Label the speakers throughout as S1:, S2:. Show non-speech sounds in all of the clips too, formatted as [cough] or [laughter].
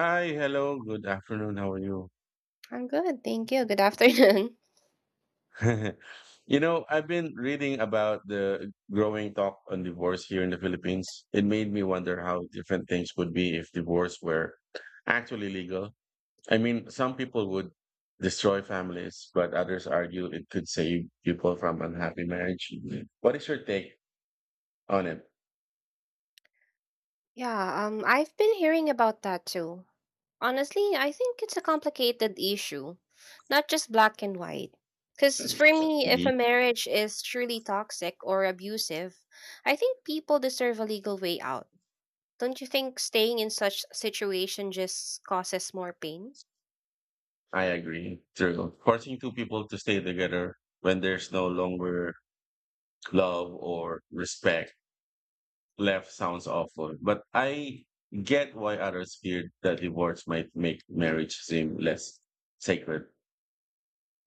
S1: Hi, hello, good afternoon. How are you?
S2: I'm good, thank you. Good afternoon. [laughs]
S1: [laughs] You know, I've been reading about the growing talk on divorce here in the Philippines. It made me wonder how different things would be if divorce were actually legal. I mean, some people would destroy families, but others argue it could save people from unhappy marriage. What is your take on it?
S2: Yeah, I've been hearing about that too. Honestly, I think it's a complicated issue, not just black and white. Because for me, if a
S1: Me,
S2: marriage is truly toxic or abusive, I think people deserve a legal way out. Don't you think staying in such situation just causes more pain?
S1: I agree. True. Forcing two people to stay together when there's no longer love or respect left sounds awful, but I get why others feared that divorce might make marriage seem less sacred.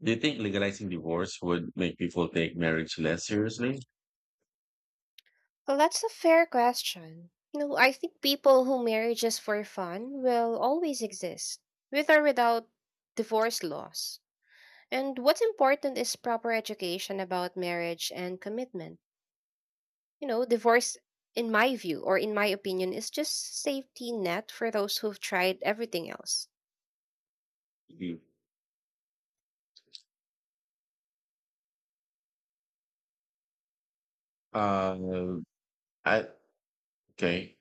S1: Do you think legalizing divorce would make people take marriage less seriously?
S2: Well, that's a fair question. You know, I think people who marry just for fun will always exist, with or without divorce laws. And what's important is proper education about marriage and commitment. You know, divorce, in my view or in my opinion, is just safety net for those who've tried everything else.
S1: Mhm. Uh, I okay.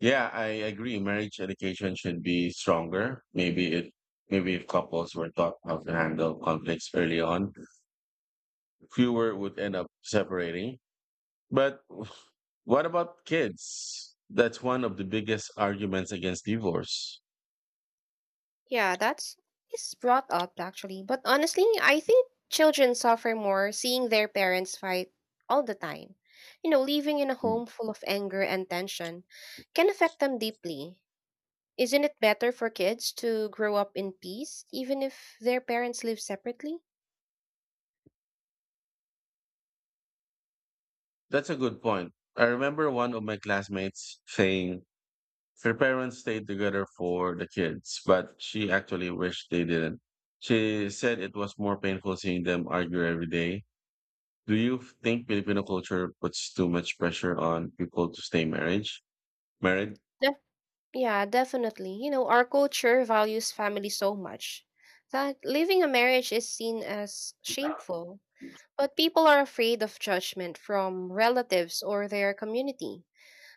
S1: Yeah, I agree. Marriage education should be stronger. Maybe if couples were taught how to handle conflicts early on, fewer would end up separating. But what about kids? That's one of the biggest arguments against divorce.
S2: Yeah, that's is brought up actually. But honestly, I think children suffer more seeing their parents fight all the time. You know, living in a home full of anger and tension can affect them deeply. Isn't it better for kids to grow up in peace, even if their parents live separately?
S1: That's a good point. I remember one of my classmates saying her parents stayed together for the kids, but she actually wished they didn't. She said it was more painful seeing them argue every day. Do you think Filipino culture puts too much pressure on people to stay marriage married?
S2: Def- yeah, definitely. You know, our culture values family so much that leaving a marriage is seen as shameful. But people are afraid of judgment from relatives or their community.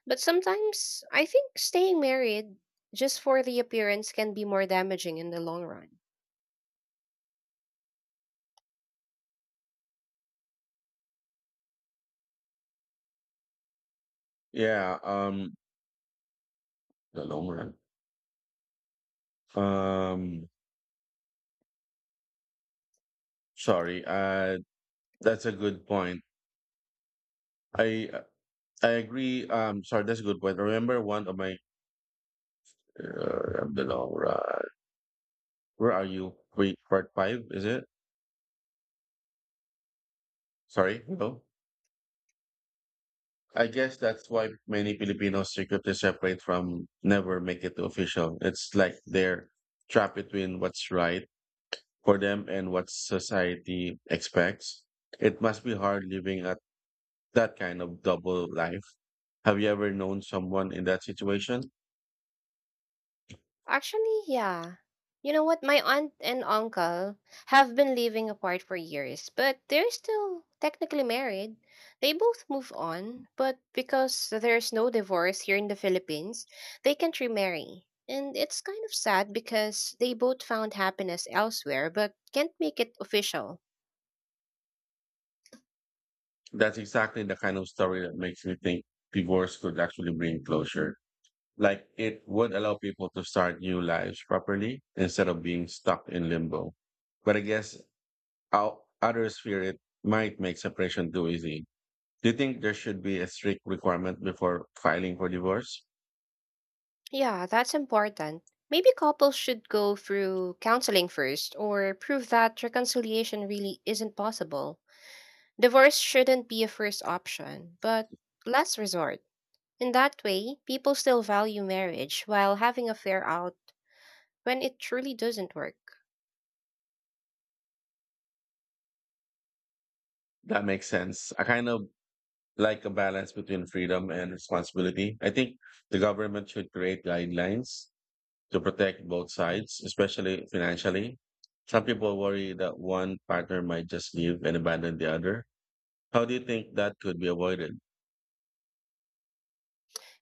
S2: But sometimes I think staying married just for the appearance can be more damaging in the long run.
S1: Yeah, um, the long run. Um, Sorry, that's a good point. I I agree. Sorry, that's a good point. I remember one of my, I don't know, where are you? Wait, part five, is it? Sorry, no. I guess that's why many Filipinos secretly separate from never make it official. It's like they're trapped between what's right for them and what society expects. It must be hard living at that kind of double life. Have you ever known someone in that situation?
S2: Actually, yeah. You know what? My aunt and uncle have been living apart for years, but they're still technically married. They both move on, but because there's no divorce here in the Philippines, they can't remarry. And it's kind of sad because they both found happiness elsewhere but can't make it official.
S1: That's exactly the kind of story that makes me think divorce could actually bring closure. Like it would allow people to start new lives properly instead of being stuck in limbo. But I guess out, others fear it might make separation too easy. Do you think there should be a strict requirement before filing for divorce?
S2: Yeah, that's important. Maybe couples should go through counseling first or prove that reconciliation really isn't possible. Divorce shouldn't be a first option, but last resort. In that way, people still value marriage while having a fair out when it truly doesn't work.
S1: That makes sense. I kind of like a balance between freedom and responsibility. I think the government should create guidelines to protect both sides, especially financially. Some people worry that one partner might just leave and abandon the other. How do you think that could be avoided?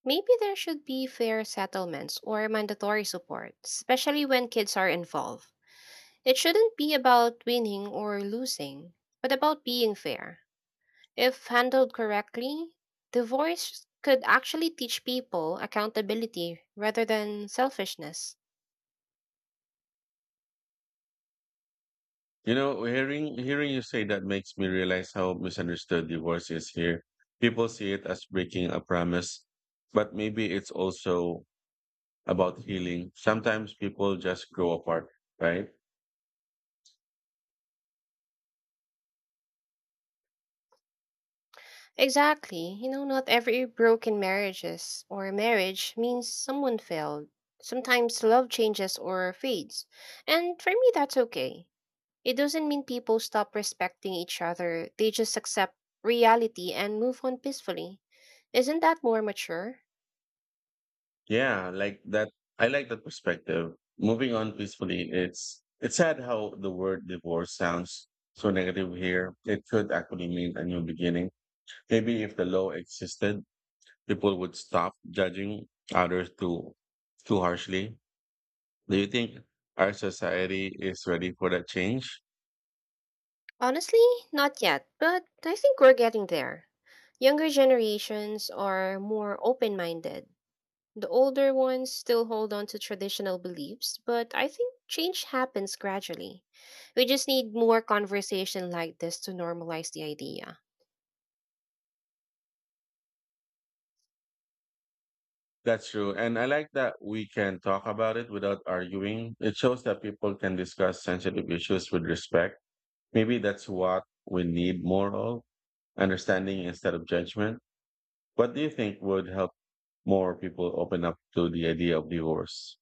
S2: Maybe there should be fair settlements or mandatory support, especially when kids are involved. It shouldn't be about winning or losing, but about being fair. If handled correctly, divorce could actually teach people accountability rather than selfishness.
S1: You know, hearing you say that makes me realize how misunderstood divorce is here. People see it as breaking a promise, but maybe it's also about healing. Sometimes people just grow apart, right?
S2: Exactly. You know, not every broken marriages or marriage means someone failed. Sometimes love changes or fades. And for me, that's okay. It doesn't mean people stop respecting each other, they just accept reality and move on peacefully. Isn't that more mature?
S1: Yeah, like that. I like that perspective. Moving on peacefully. It's sad how the word divorce sounds so negative here. It could actually mean a new beginning. Maybe if the law existed people would stop judging others too harshly. Do you think our society is ready for that change?
S2: Honestly, not yet, but I think we're getting there. Younger generations are more open minded. The older ones still hold on to traditional beliefs, but I think change happens gradually. We just need more conversation like this to normalize the idea.
S1: That's true. And I like that we can talk about it without arguing. It shows that people can discuss sensitive issues with respect. Maybe that's what we need more of, understanding instead of judgment. What do you think would help more people open up to the idea of divorce?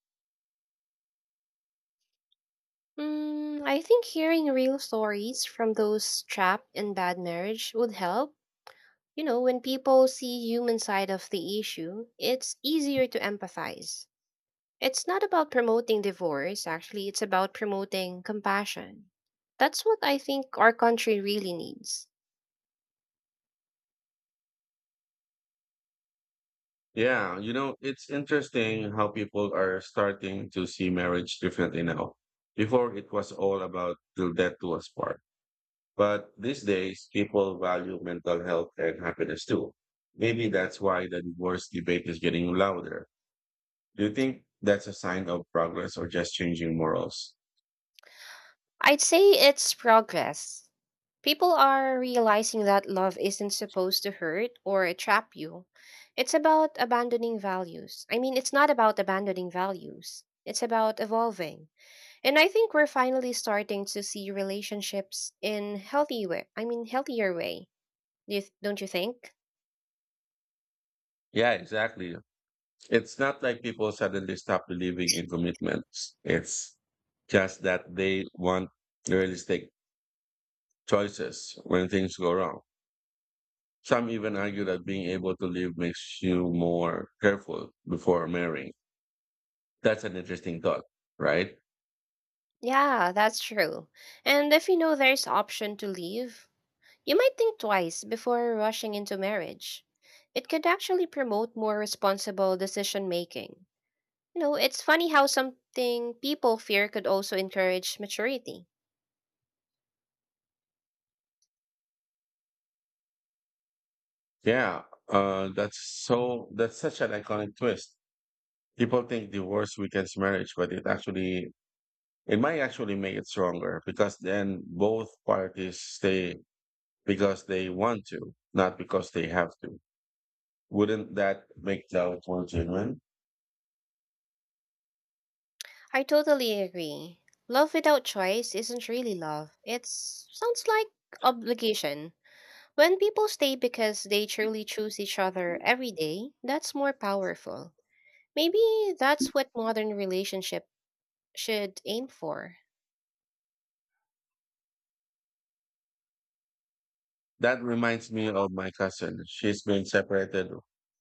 S2: Mm, I think hearing real stories from those trapped in bad marriage would help. You know, when people see human side of the issue, it's easier to empathize. It's not about promoting divorce, actually, it's about promoting compassion. That's what I think our country really needs.
S1: Yeah, you know, it's interesting how people are starting to see marriage differently now. Before it was all about till death do us part. But these days, people value mental health and happiness too. Maybe that's why the divorce debate is getting louder. Do you think that's a sign of progress or just changing morals?
S2: I'd say it's progress. People are realizing that love isn't supposed to hurt or trap you. It's about abandoning values. I mean, it's not about abandoning values, it's about evolving. And I think we're finally starting to see relationships in healthy way. I mean, healthier way. Do you, don't you think?
S1: Yeah, exactly. It's not like people suddenly stop believing in commitments. It's just that they want realistic choices when things go wrong. Some even argue that being able to leave makes you more careful before marrying. That's an interesting thought, right?
S2: Yeah, that's true. And if you know there's option to leave, you might think twice before rushing into marriage. It could actually promote more responsible decision making. You know, it's funny how something people fear could also encourage maturity.
S1: Yeah, uh, that's that's such an iconic twist. People think divorce weakens marriage, but it might actually make it stronger because then both parties stay because they want to, not because they have to. Wouldn't that make doubt more genuine?
S2: I totally agree. Love without choice isn't really love. It sounds like obligation. When people stay because they truly choose each other every day, that's more powerful. Maybe that's what modern relationship should aim for.
S1: That reminds me of my cousin. She's been separated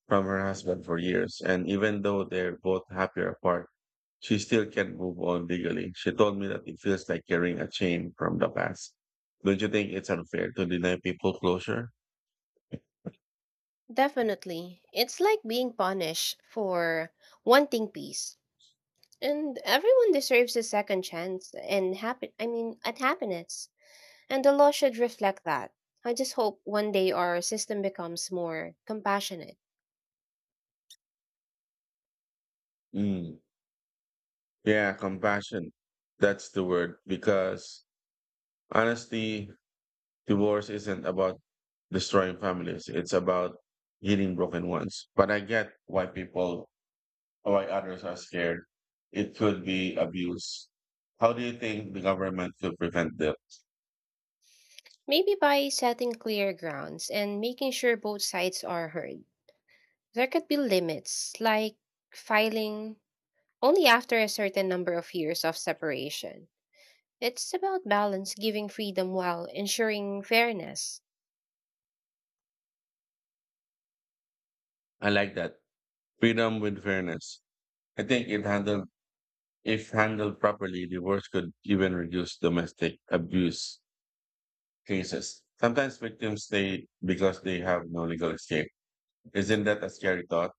S1: from her husband for years, and even though they're both happier apart, she still can't move on legally. She told me that it feels like carrying a chain from the past. Don't you think it's unfair to deny people closure?
S2: Definitely. It's like being punished for wanting peace. And everyone deserves a second chance and happy I mean at happiness. And the law should reflect that. I just hope one day our system becomes more compassionate.
S1: Mm. Yeah, compassion. That's the word. Because honestly, divorce isn't about destroying families. It's about healing broken ones. But I get why why others are scared. It could be abuse. How do you think the government could prevent that?
S2: Maybe by setting clear grounds and making sure both sides are heard. There could be limits, like filing only after a certain number of years of separation. It's about balance, giving freedom while ensuring fairness.
S1: I like that. Freedom with fairness. I think it handled, If handled properly, divorce could even reduce domestic abuse cases. Sometimes victims stay because they have no legal escape. Isn't that a scary thought?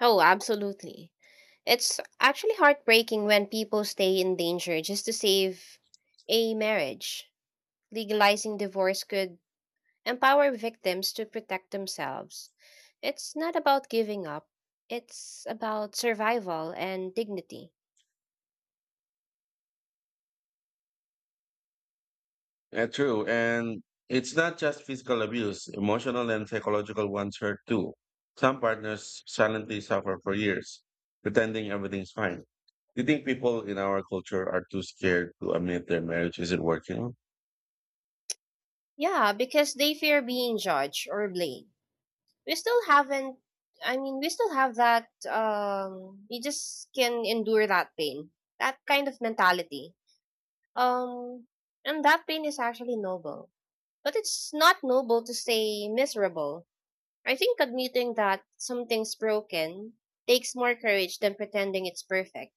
S2: Oh, absolutely. It's actually heartbreaking when people stay in danger just to save a marriage. Legalizing divorce could empower victims to protect themselves. It's not about giving up, it's about survival and dignity.
S1: True. And it's not just physical abuse, emotional and psychological ones hurt too. Some partners silently suffer for years, pretending everything's fine. Do you think people in our culture are too scared to admit their marriage isn't working?
S2: Yeah, because they fear being judged or blamed. We still haven't, I mean, we still have that, we just can endure that pain, that kind of mentality. Um, and that pain is actually noble. But it's not noble to say miserable. I think admitting that something's broken takes more courage than pretending it's perfect.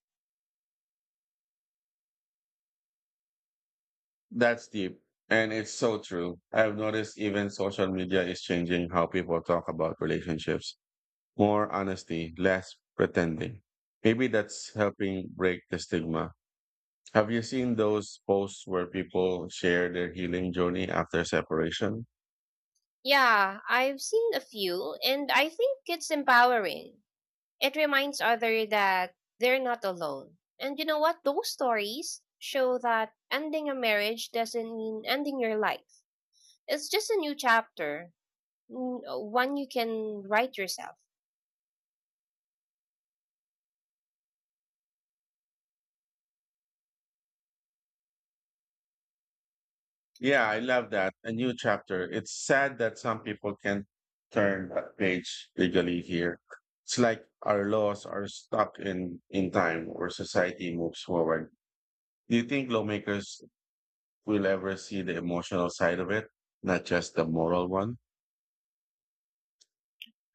S1: That's deep. And it's so true. I've noticed even social media is changing how people talk about relationships. More honesty, less pretending. Maybe that's helping break the stigma. Have you seen those posts where people share their healing journey after separation?
S2: Yeah, I've seen a few, and I think it's empowering. It reminds others that they're not alone. And you know what? Those stories show that ending a marriage doesn't mean ending your life. It's just a new chapter, one you can write yourself.
S1: Yeah, I love that. A new chapter. It's sad that some people can't turn that page legally here. It's like our laws are stuck in time where society moves forward. Do you think lawmakers we'll ever see the emotional side of it, not just the moral one.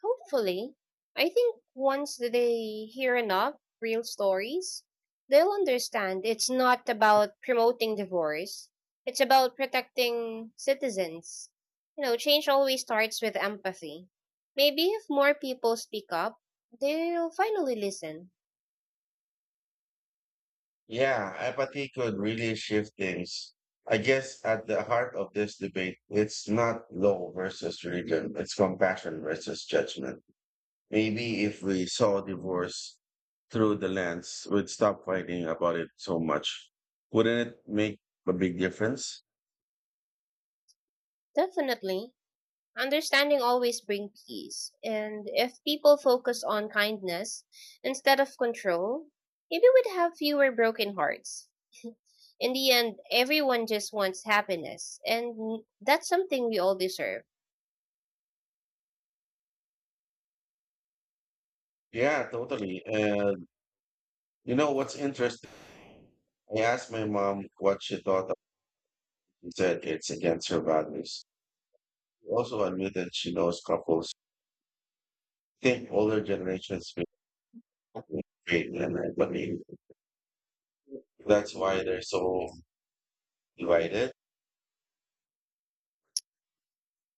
S2: Hopefully, I think once they hear enough real stories, they'll understand it's not about promoting divorce. It's about protecting citizens. You know, change always starts with empathy. Maybe if more people speak up, they'll finally listen.
S1: Yeah, apathy could really shift things. I guess at the heart of this debate, it's not law versus religion, it's compassion versus judgment. Maybe if we saw divorce through the lens, we'd stop fighting about it so much. Wouldn't it make a big difference?
S2: Definitely. Understanding always brings peace. And if people focus on kindness instead of control, maybe we'd have fewer broken hearts. [laughs] In the end, everyone just wants happiness, and that's something we all deserve.
S1: Yeah, totally. And you know what's interesting? I asked my mom what she thought of it and said it's against her values. She also admitted she knows couples. I think older generations feel afraid and I believe that's why they're so divided.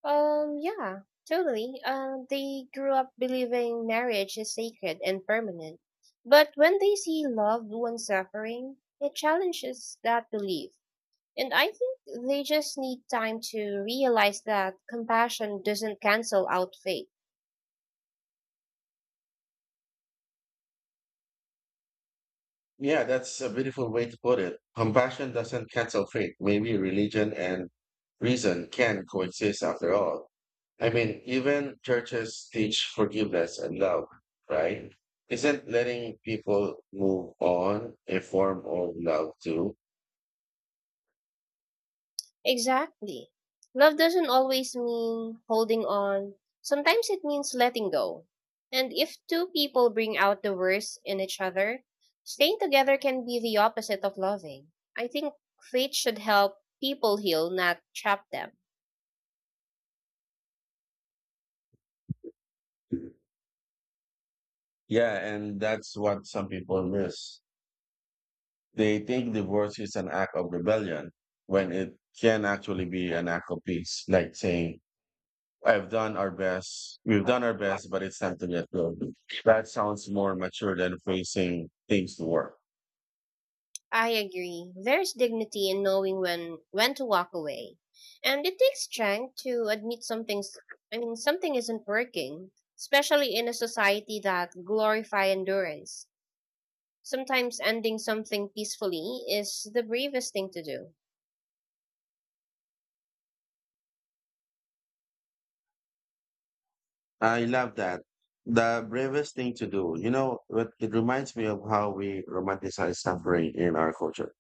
S2: Yeah, totally. They grew up believing marriage is sacred and permanent. But when they see loved ones suffering, it challenges that belief. And I think they just need time to realize that compassion doesn't cancel out faith.
S1: Yeah, that's a beautiful way to put it. Compassion doesn't cancel faith. Maybe religion and reason can coexist after all. I mean, even churches teach forgiveness and love, right? Isn't letting people move on a form of love too?
S2: Exactly. Love doesn't always mean holding on. Sometimes it means letting go. And if two people bring out the worst in each other, staying together can be the opposite of loving. I think faith should help people heal, not trap them.
S1: Yeah, and that's what some people miss. They think divorce is an act of rebellion when it can actually be an act of peace, like saying, I've done our best. We've done our best, but it's time to let go. That sounds more mature than facing things to work.
S2: I agree. There's dignity in knowing when to walk away. And it takes strength to admit something's I mean something isn't working, especially in a society that glorify endurance. Sometimes ending something peacefully is the bravest thing to do.
S1: I love that. The bravest thing to do. You know, it reminds me of how we romanticize suffering in our culture.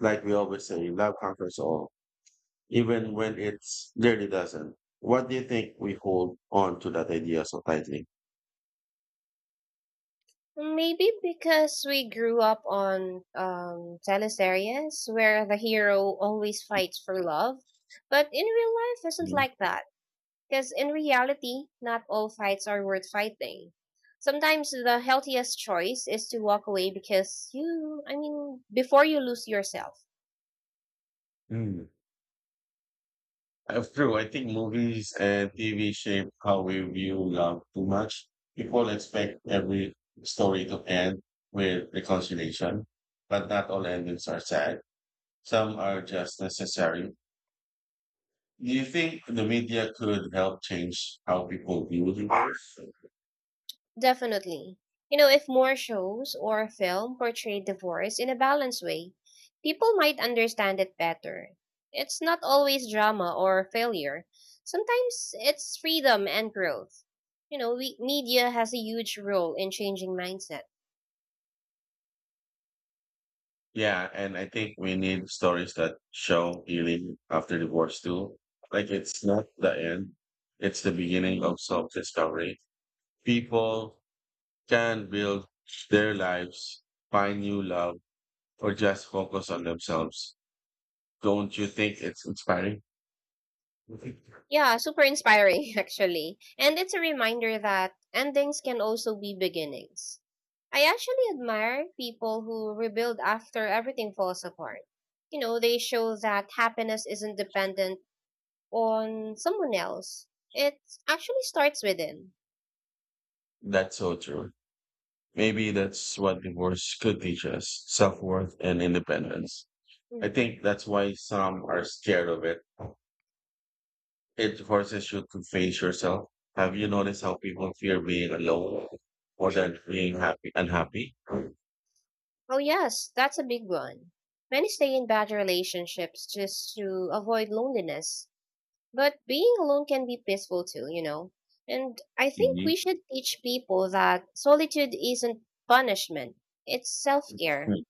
S1: Like we always say, love conquers all, even when it's clearly doesn't. What do you think we hold on to that idea so tightly?
S2: Maybe because we grew up on teleseries where the hero always fights for love, but in real life isn't like that. Because in reality, not all fights are worth fighting. Sometimes the healthiest choice is to walk away because you, I mean, before you lose yourself.
S1: Mhm. I I think movies and TV shape how we view love too much. People expect every story to end with reconciliation, but not all endings are sad. Some are just necessary. Do you think the media could help change how people view divorce?
S2: Definitely. You know, if more shows or film portray divorce in a balanced way, people might understand it better. It's not always drama or failure. Sometimes it's freedom and growth. You know, we, media has a huge role in changing mindset.
S1: Yeah, and I think we need stories that show healing after divorce too. Like it's not the end, it's the beginning of self discovery. People can build their lives, find new love, or just focus on themselves. Don't you think it's inspiring?
S2: Yeah, super inspiring, [laughs] actually. And it's a reminder that endings can also be beginnings. I actually admire people who rebuild after everything falls apart. You know, they show that happiness isn't dependent on someone else, it actually starts within.
S1: That's so true. Maybe that's what divorce could teach us self worth and independence. I
S2: Mhm.
S1: think that's why some are scared of it. It forces you to face yourself. Have you noticed how people fear being alone more than being happy unhappy?
S2: Oh, yes, that's a big one. Many stay in bad relationships just to avoid loneliness. But being alone can be peaceful too, you know. And I think we
S1: Mhm.
S2: should teach people that solitude isn't punishment, it's self care.
S1: mm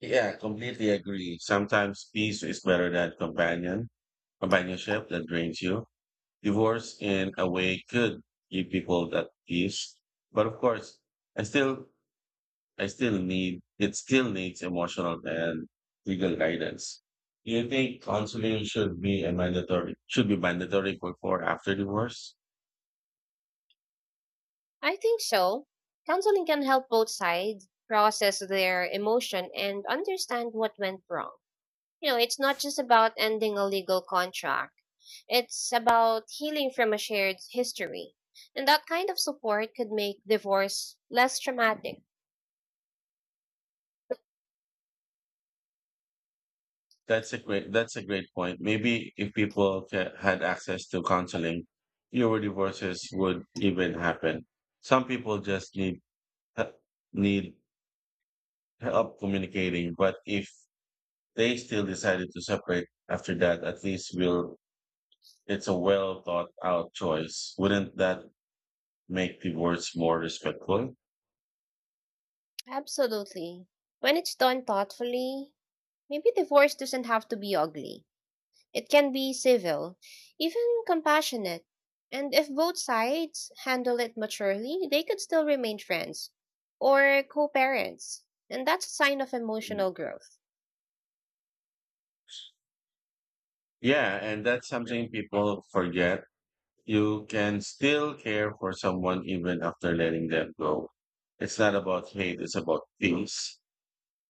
S1: Yeah, completely agree. Sometimes peace is better than companionship that drains you. Divorce in a way could give people that peace. But of course, I still I still needs emotional and legal guidance. Do you think counseling should be a mandatory should be mandatory before or after divorce?
S2: I think so. Counseling can help both sides process their emotion and understand what went wrong. You know, it's not just about ending a legal contract, it's about healing from a shared history. And that kind of support could make divorce less traumatic.
S1: That's a great point. Maybe if people had access to counseling, fewer divorces would even happen. Some people just he- need help communicating, but if they still decided to separate after that, at least we'll it's a well thought out choice. Wouldn't that make divorce more respectful.
S2: Absolutely. When it's done thoughtfully, maybe divorce doesn't have to be ugly. It can be civil, even compassionate. And if both sides handle it maturely, they could still remain friends or co parents. And that's a sign of emotional growth.
S1: Yeah, and that's something people forget. You can still care for someone even after letting them go. It's not about hate, it's about peace.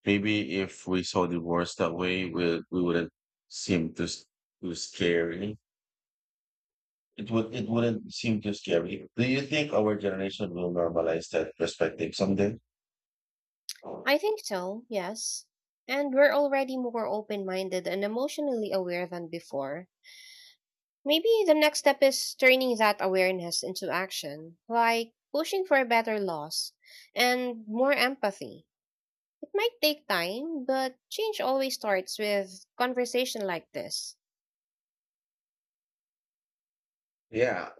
S1: Maybe if we saw divorce that way, we wouldn't seem to, s- to scary. It would it wouldn't seem too scary. Do you think our generation will normalize that perspective someday?
S2: I think so, yes. And we're already more open minded and emotionally aware than before. Maybe the next step is turning that awareness into action, like pushing for better laws and more empathy. Might take time, but change always starts with conversation like this.
S1: Yeah,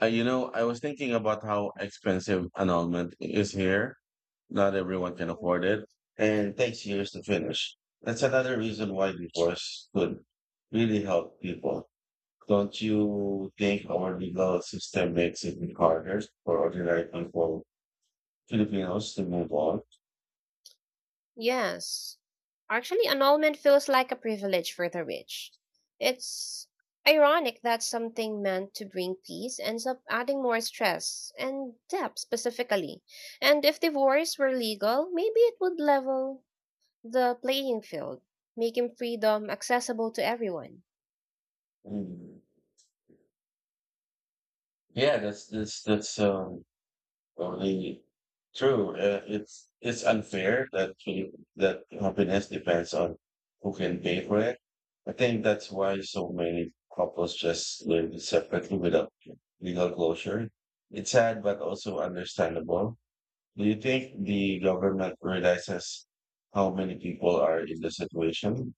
S1: You know, I was thinking about how expensive an almond is here. Not everyone can
S2: Mhm.
S1: afford it, and it takes years to finish. That's another reason why divorce could really help people. Don't you think our legal system makes it harder for ordinary people, Filipinos, to move on?
S2: Yes. Actually, annulment feels like a privilege for the rich. It's ironic that something meant to bring peace ends up adding more stress and debt specifically. And if divorce were legal, maybe it would level the playing field, making freedom accessible to everyone.
S1: Mm. Yeah, that's Only True. It's unfair that that happiness depends on who can pay for it. I think that's why so many couples just live separately without legal closure. It's sad, but also understandable. Do you think the government realizes how many people are in the situation?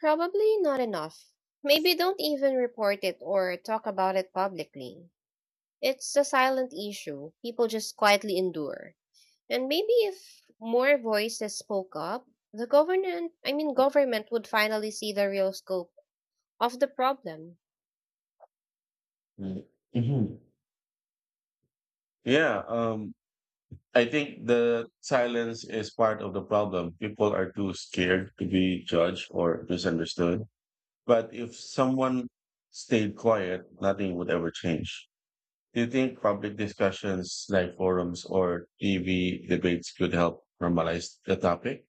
S2: Probably not enough. Maybe don't even report it or talk about it publicly. It's a silent issue people just quietly endure. And maybe if more voices spoke up, the government, I mean government would finally see the real scope of the problem.
S1: Mm. Mhm. Yeah. Um. I think the silence is part of the problem. People are too scared to be judged or misunderstood. But if someone stayed quiet, nothing would ever change. Do you think public discussions like forums or TV debates could help normalize the topic?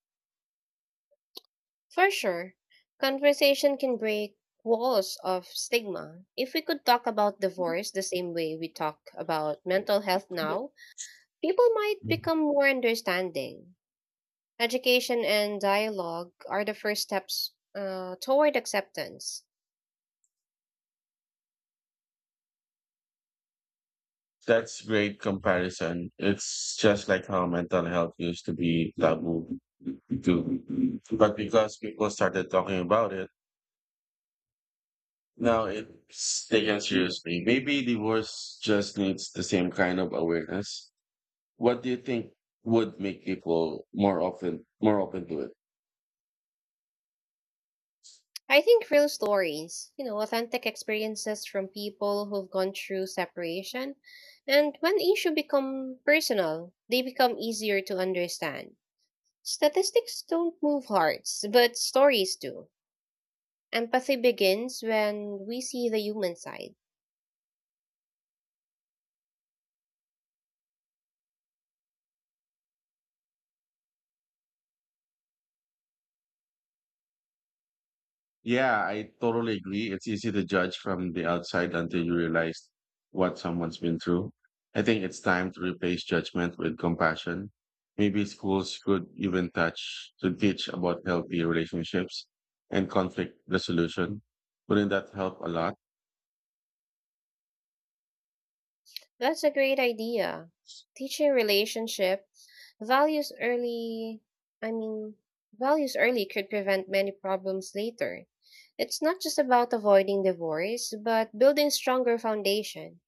S2: For sure, conversation can break walls of stigma. If we could talk about divorce the same way we talk about mental health now, people might become more understanding. Education and dialogue are the first steps toward acceptance.
S1: That's great comparison. It's just like how mental health used to be taboo, too. But because people started talking about it, now, it's taken seriously. Maybe divorce just needs the same kind of awareness. What do you think would make people more open to it?
S2: I think real stories, you know, authentic experiences from people who've gone through separation, and when issues become personal, they become easier to understand. Statistics don't move hearts, but stories do. Empathy begins when we see the human side.
S1: Yeah, I totally agree. It's easy to judge from the outside until you realize what someone's been through. I think it's time to replace judgment with compassion. Maybe schools could even touch to teach about healthy relationships and conflict resolution. Wouldn't that help a lot?
S2: That's a great idea. Teaching relationship values early, I mean, values early could prevent many problems later. It's not just about avoiding divorce, but building stronger foundation.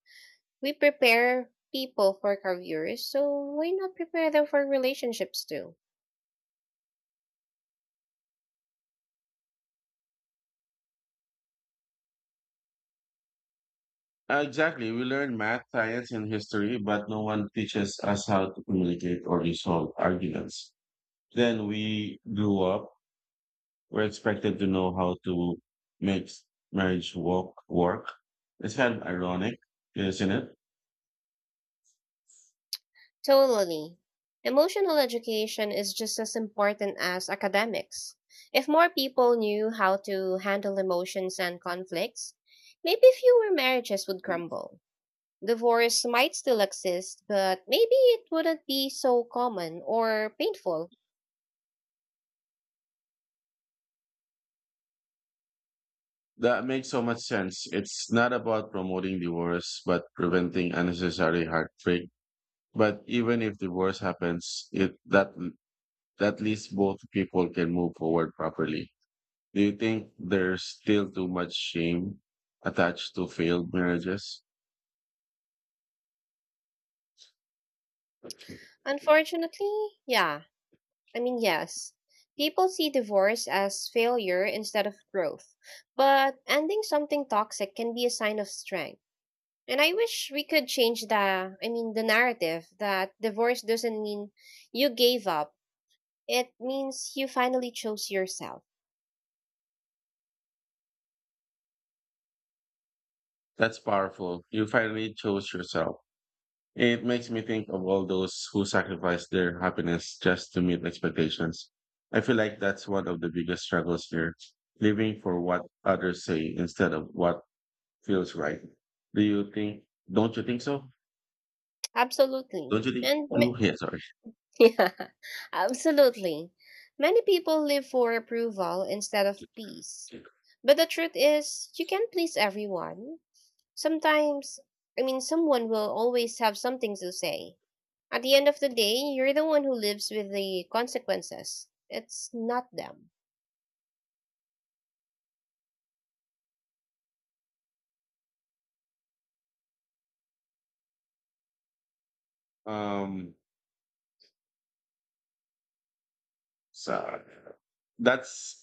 S2: We prepare people for careers, so why not prepare them for relationships too?
S1: Exactly. We learn math, science, and history, but no one teaches us how to communicate or resolve arguments. Then we grew up. We're expected to know how to make marriage work. It's kind of ironic, isn't
S2: Mhm.
S1: it?
S2: Totally. Emotional education is just as important as academics. If more people knew how to handle emotions and conflicts, maybe fewer marriages would crumble. Divorce might still exist, but maybe it wouldn't be so common or painful.
S1: That makes so much sense. It's not about promoting divorce, but preventing unnecessary heartbreak. But even if divorce happens, it that that least both people can move forward properly. Do you think there's still too much shame attached to failed marriages?
S2: Unfortunately, yeah. I mean, yes. People see divorce as failure instead of growth. But ending something toxic can be a sign of strength. And I wish we could change the I mean the narrative that divorce doesn't mean you gave up. It means you finally chose yourself.
S1: That's powerful. You finally chose yourself. It makes me think of all those who sacrifice their happiness just to meet expectations. I feel like that's one of the biggest struggles here, living for what others say instead of what feels right. Do you think, don't you think so? Don't
S2: Absolutely.
S1: you think?
S2: And
S1: Oh, yeah, sorry.
S2: [laughs] yeah, absolutely. Many people live for approval instead of peace. But the truth is, you can't please everyone. Sometimes, I mean, someone will always have something to say. At the end of the day, you're the one who lives with the consequences. It's not them.
S1: Um, so that's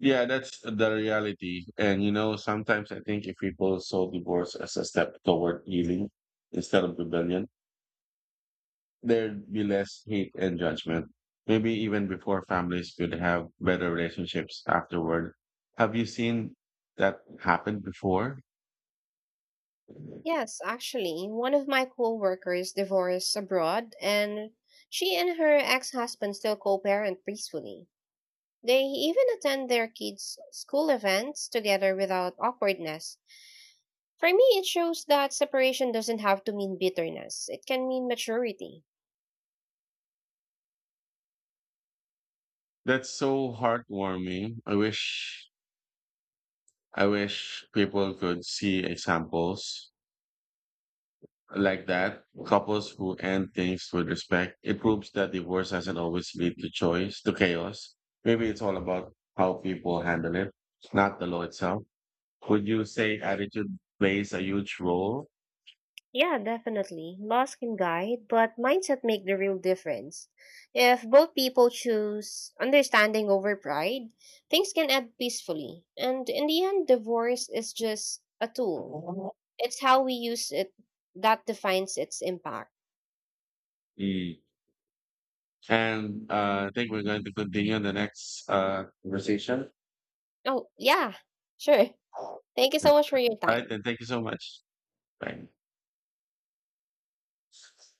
S1: Yeah, that's the reality. And you know, sometimes I think if people saw divorce as a step toward healing instead of rebellion, there'd be less hate and judgment. Maybe even before families could have better relationships afterward. Have you seen that happen before?
S2: Yes, actually, one of my coworkers divorced abroad, and she and her ex husband still co parent peacefully. They even attend their kids' school events together without awkwardness. For me, it shows that separation doesn't have to mean bitterness. It can mean maturity.
S1: That's so heartwarming. I wish people could see examples like that, couples who end things with respect, it proves that divorce doesn't always lead to chaos. Maybe it's all about how people handle it, not the law itself. Would you say attitude plays a huge role?
S2: Yeah, definitely. Loss can guide, but mindset make the real difference. If both people choose understanding over pride, things can end peacefully. And in the end, divorce is just a tool. It's how we use it that defines its impact.
S1: Mm. And I think we're going to continue in the next conversation.
S2: Oh, yeah, sure.
S1: All
S2: Thank you so much for your
S1: right,
S2: time.
S1: then. Thank you so much. Bye.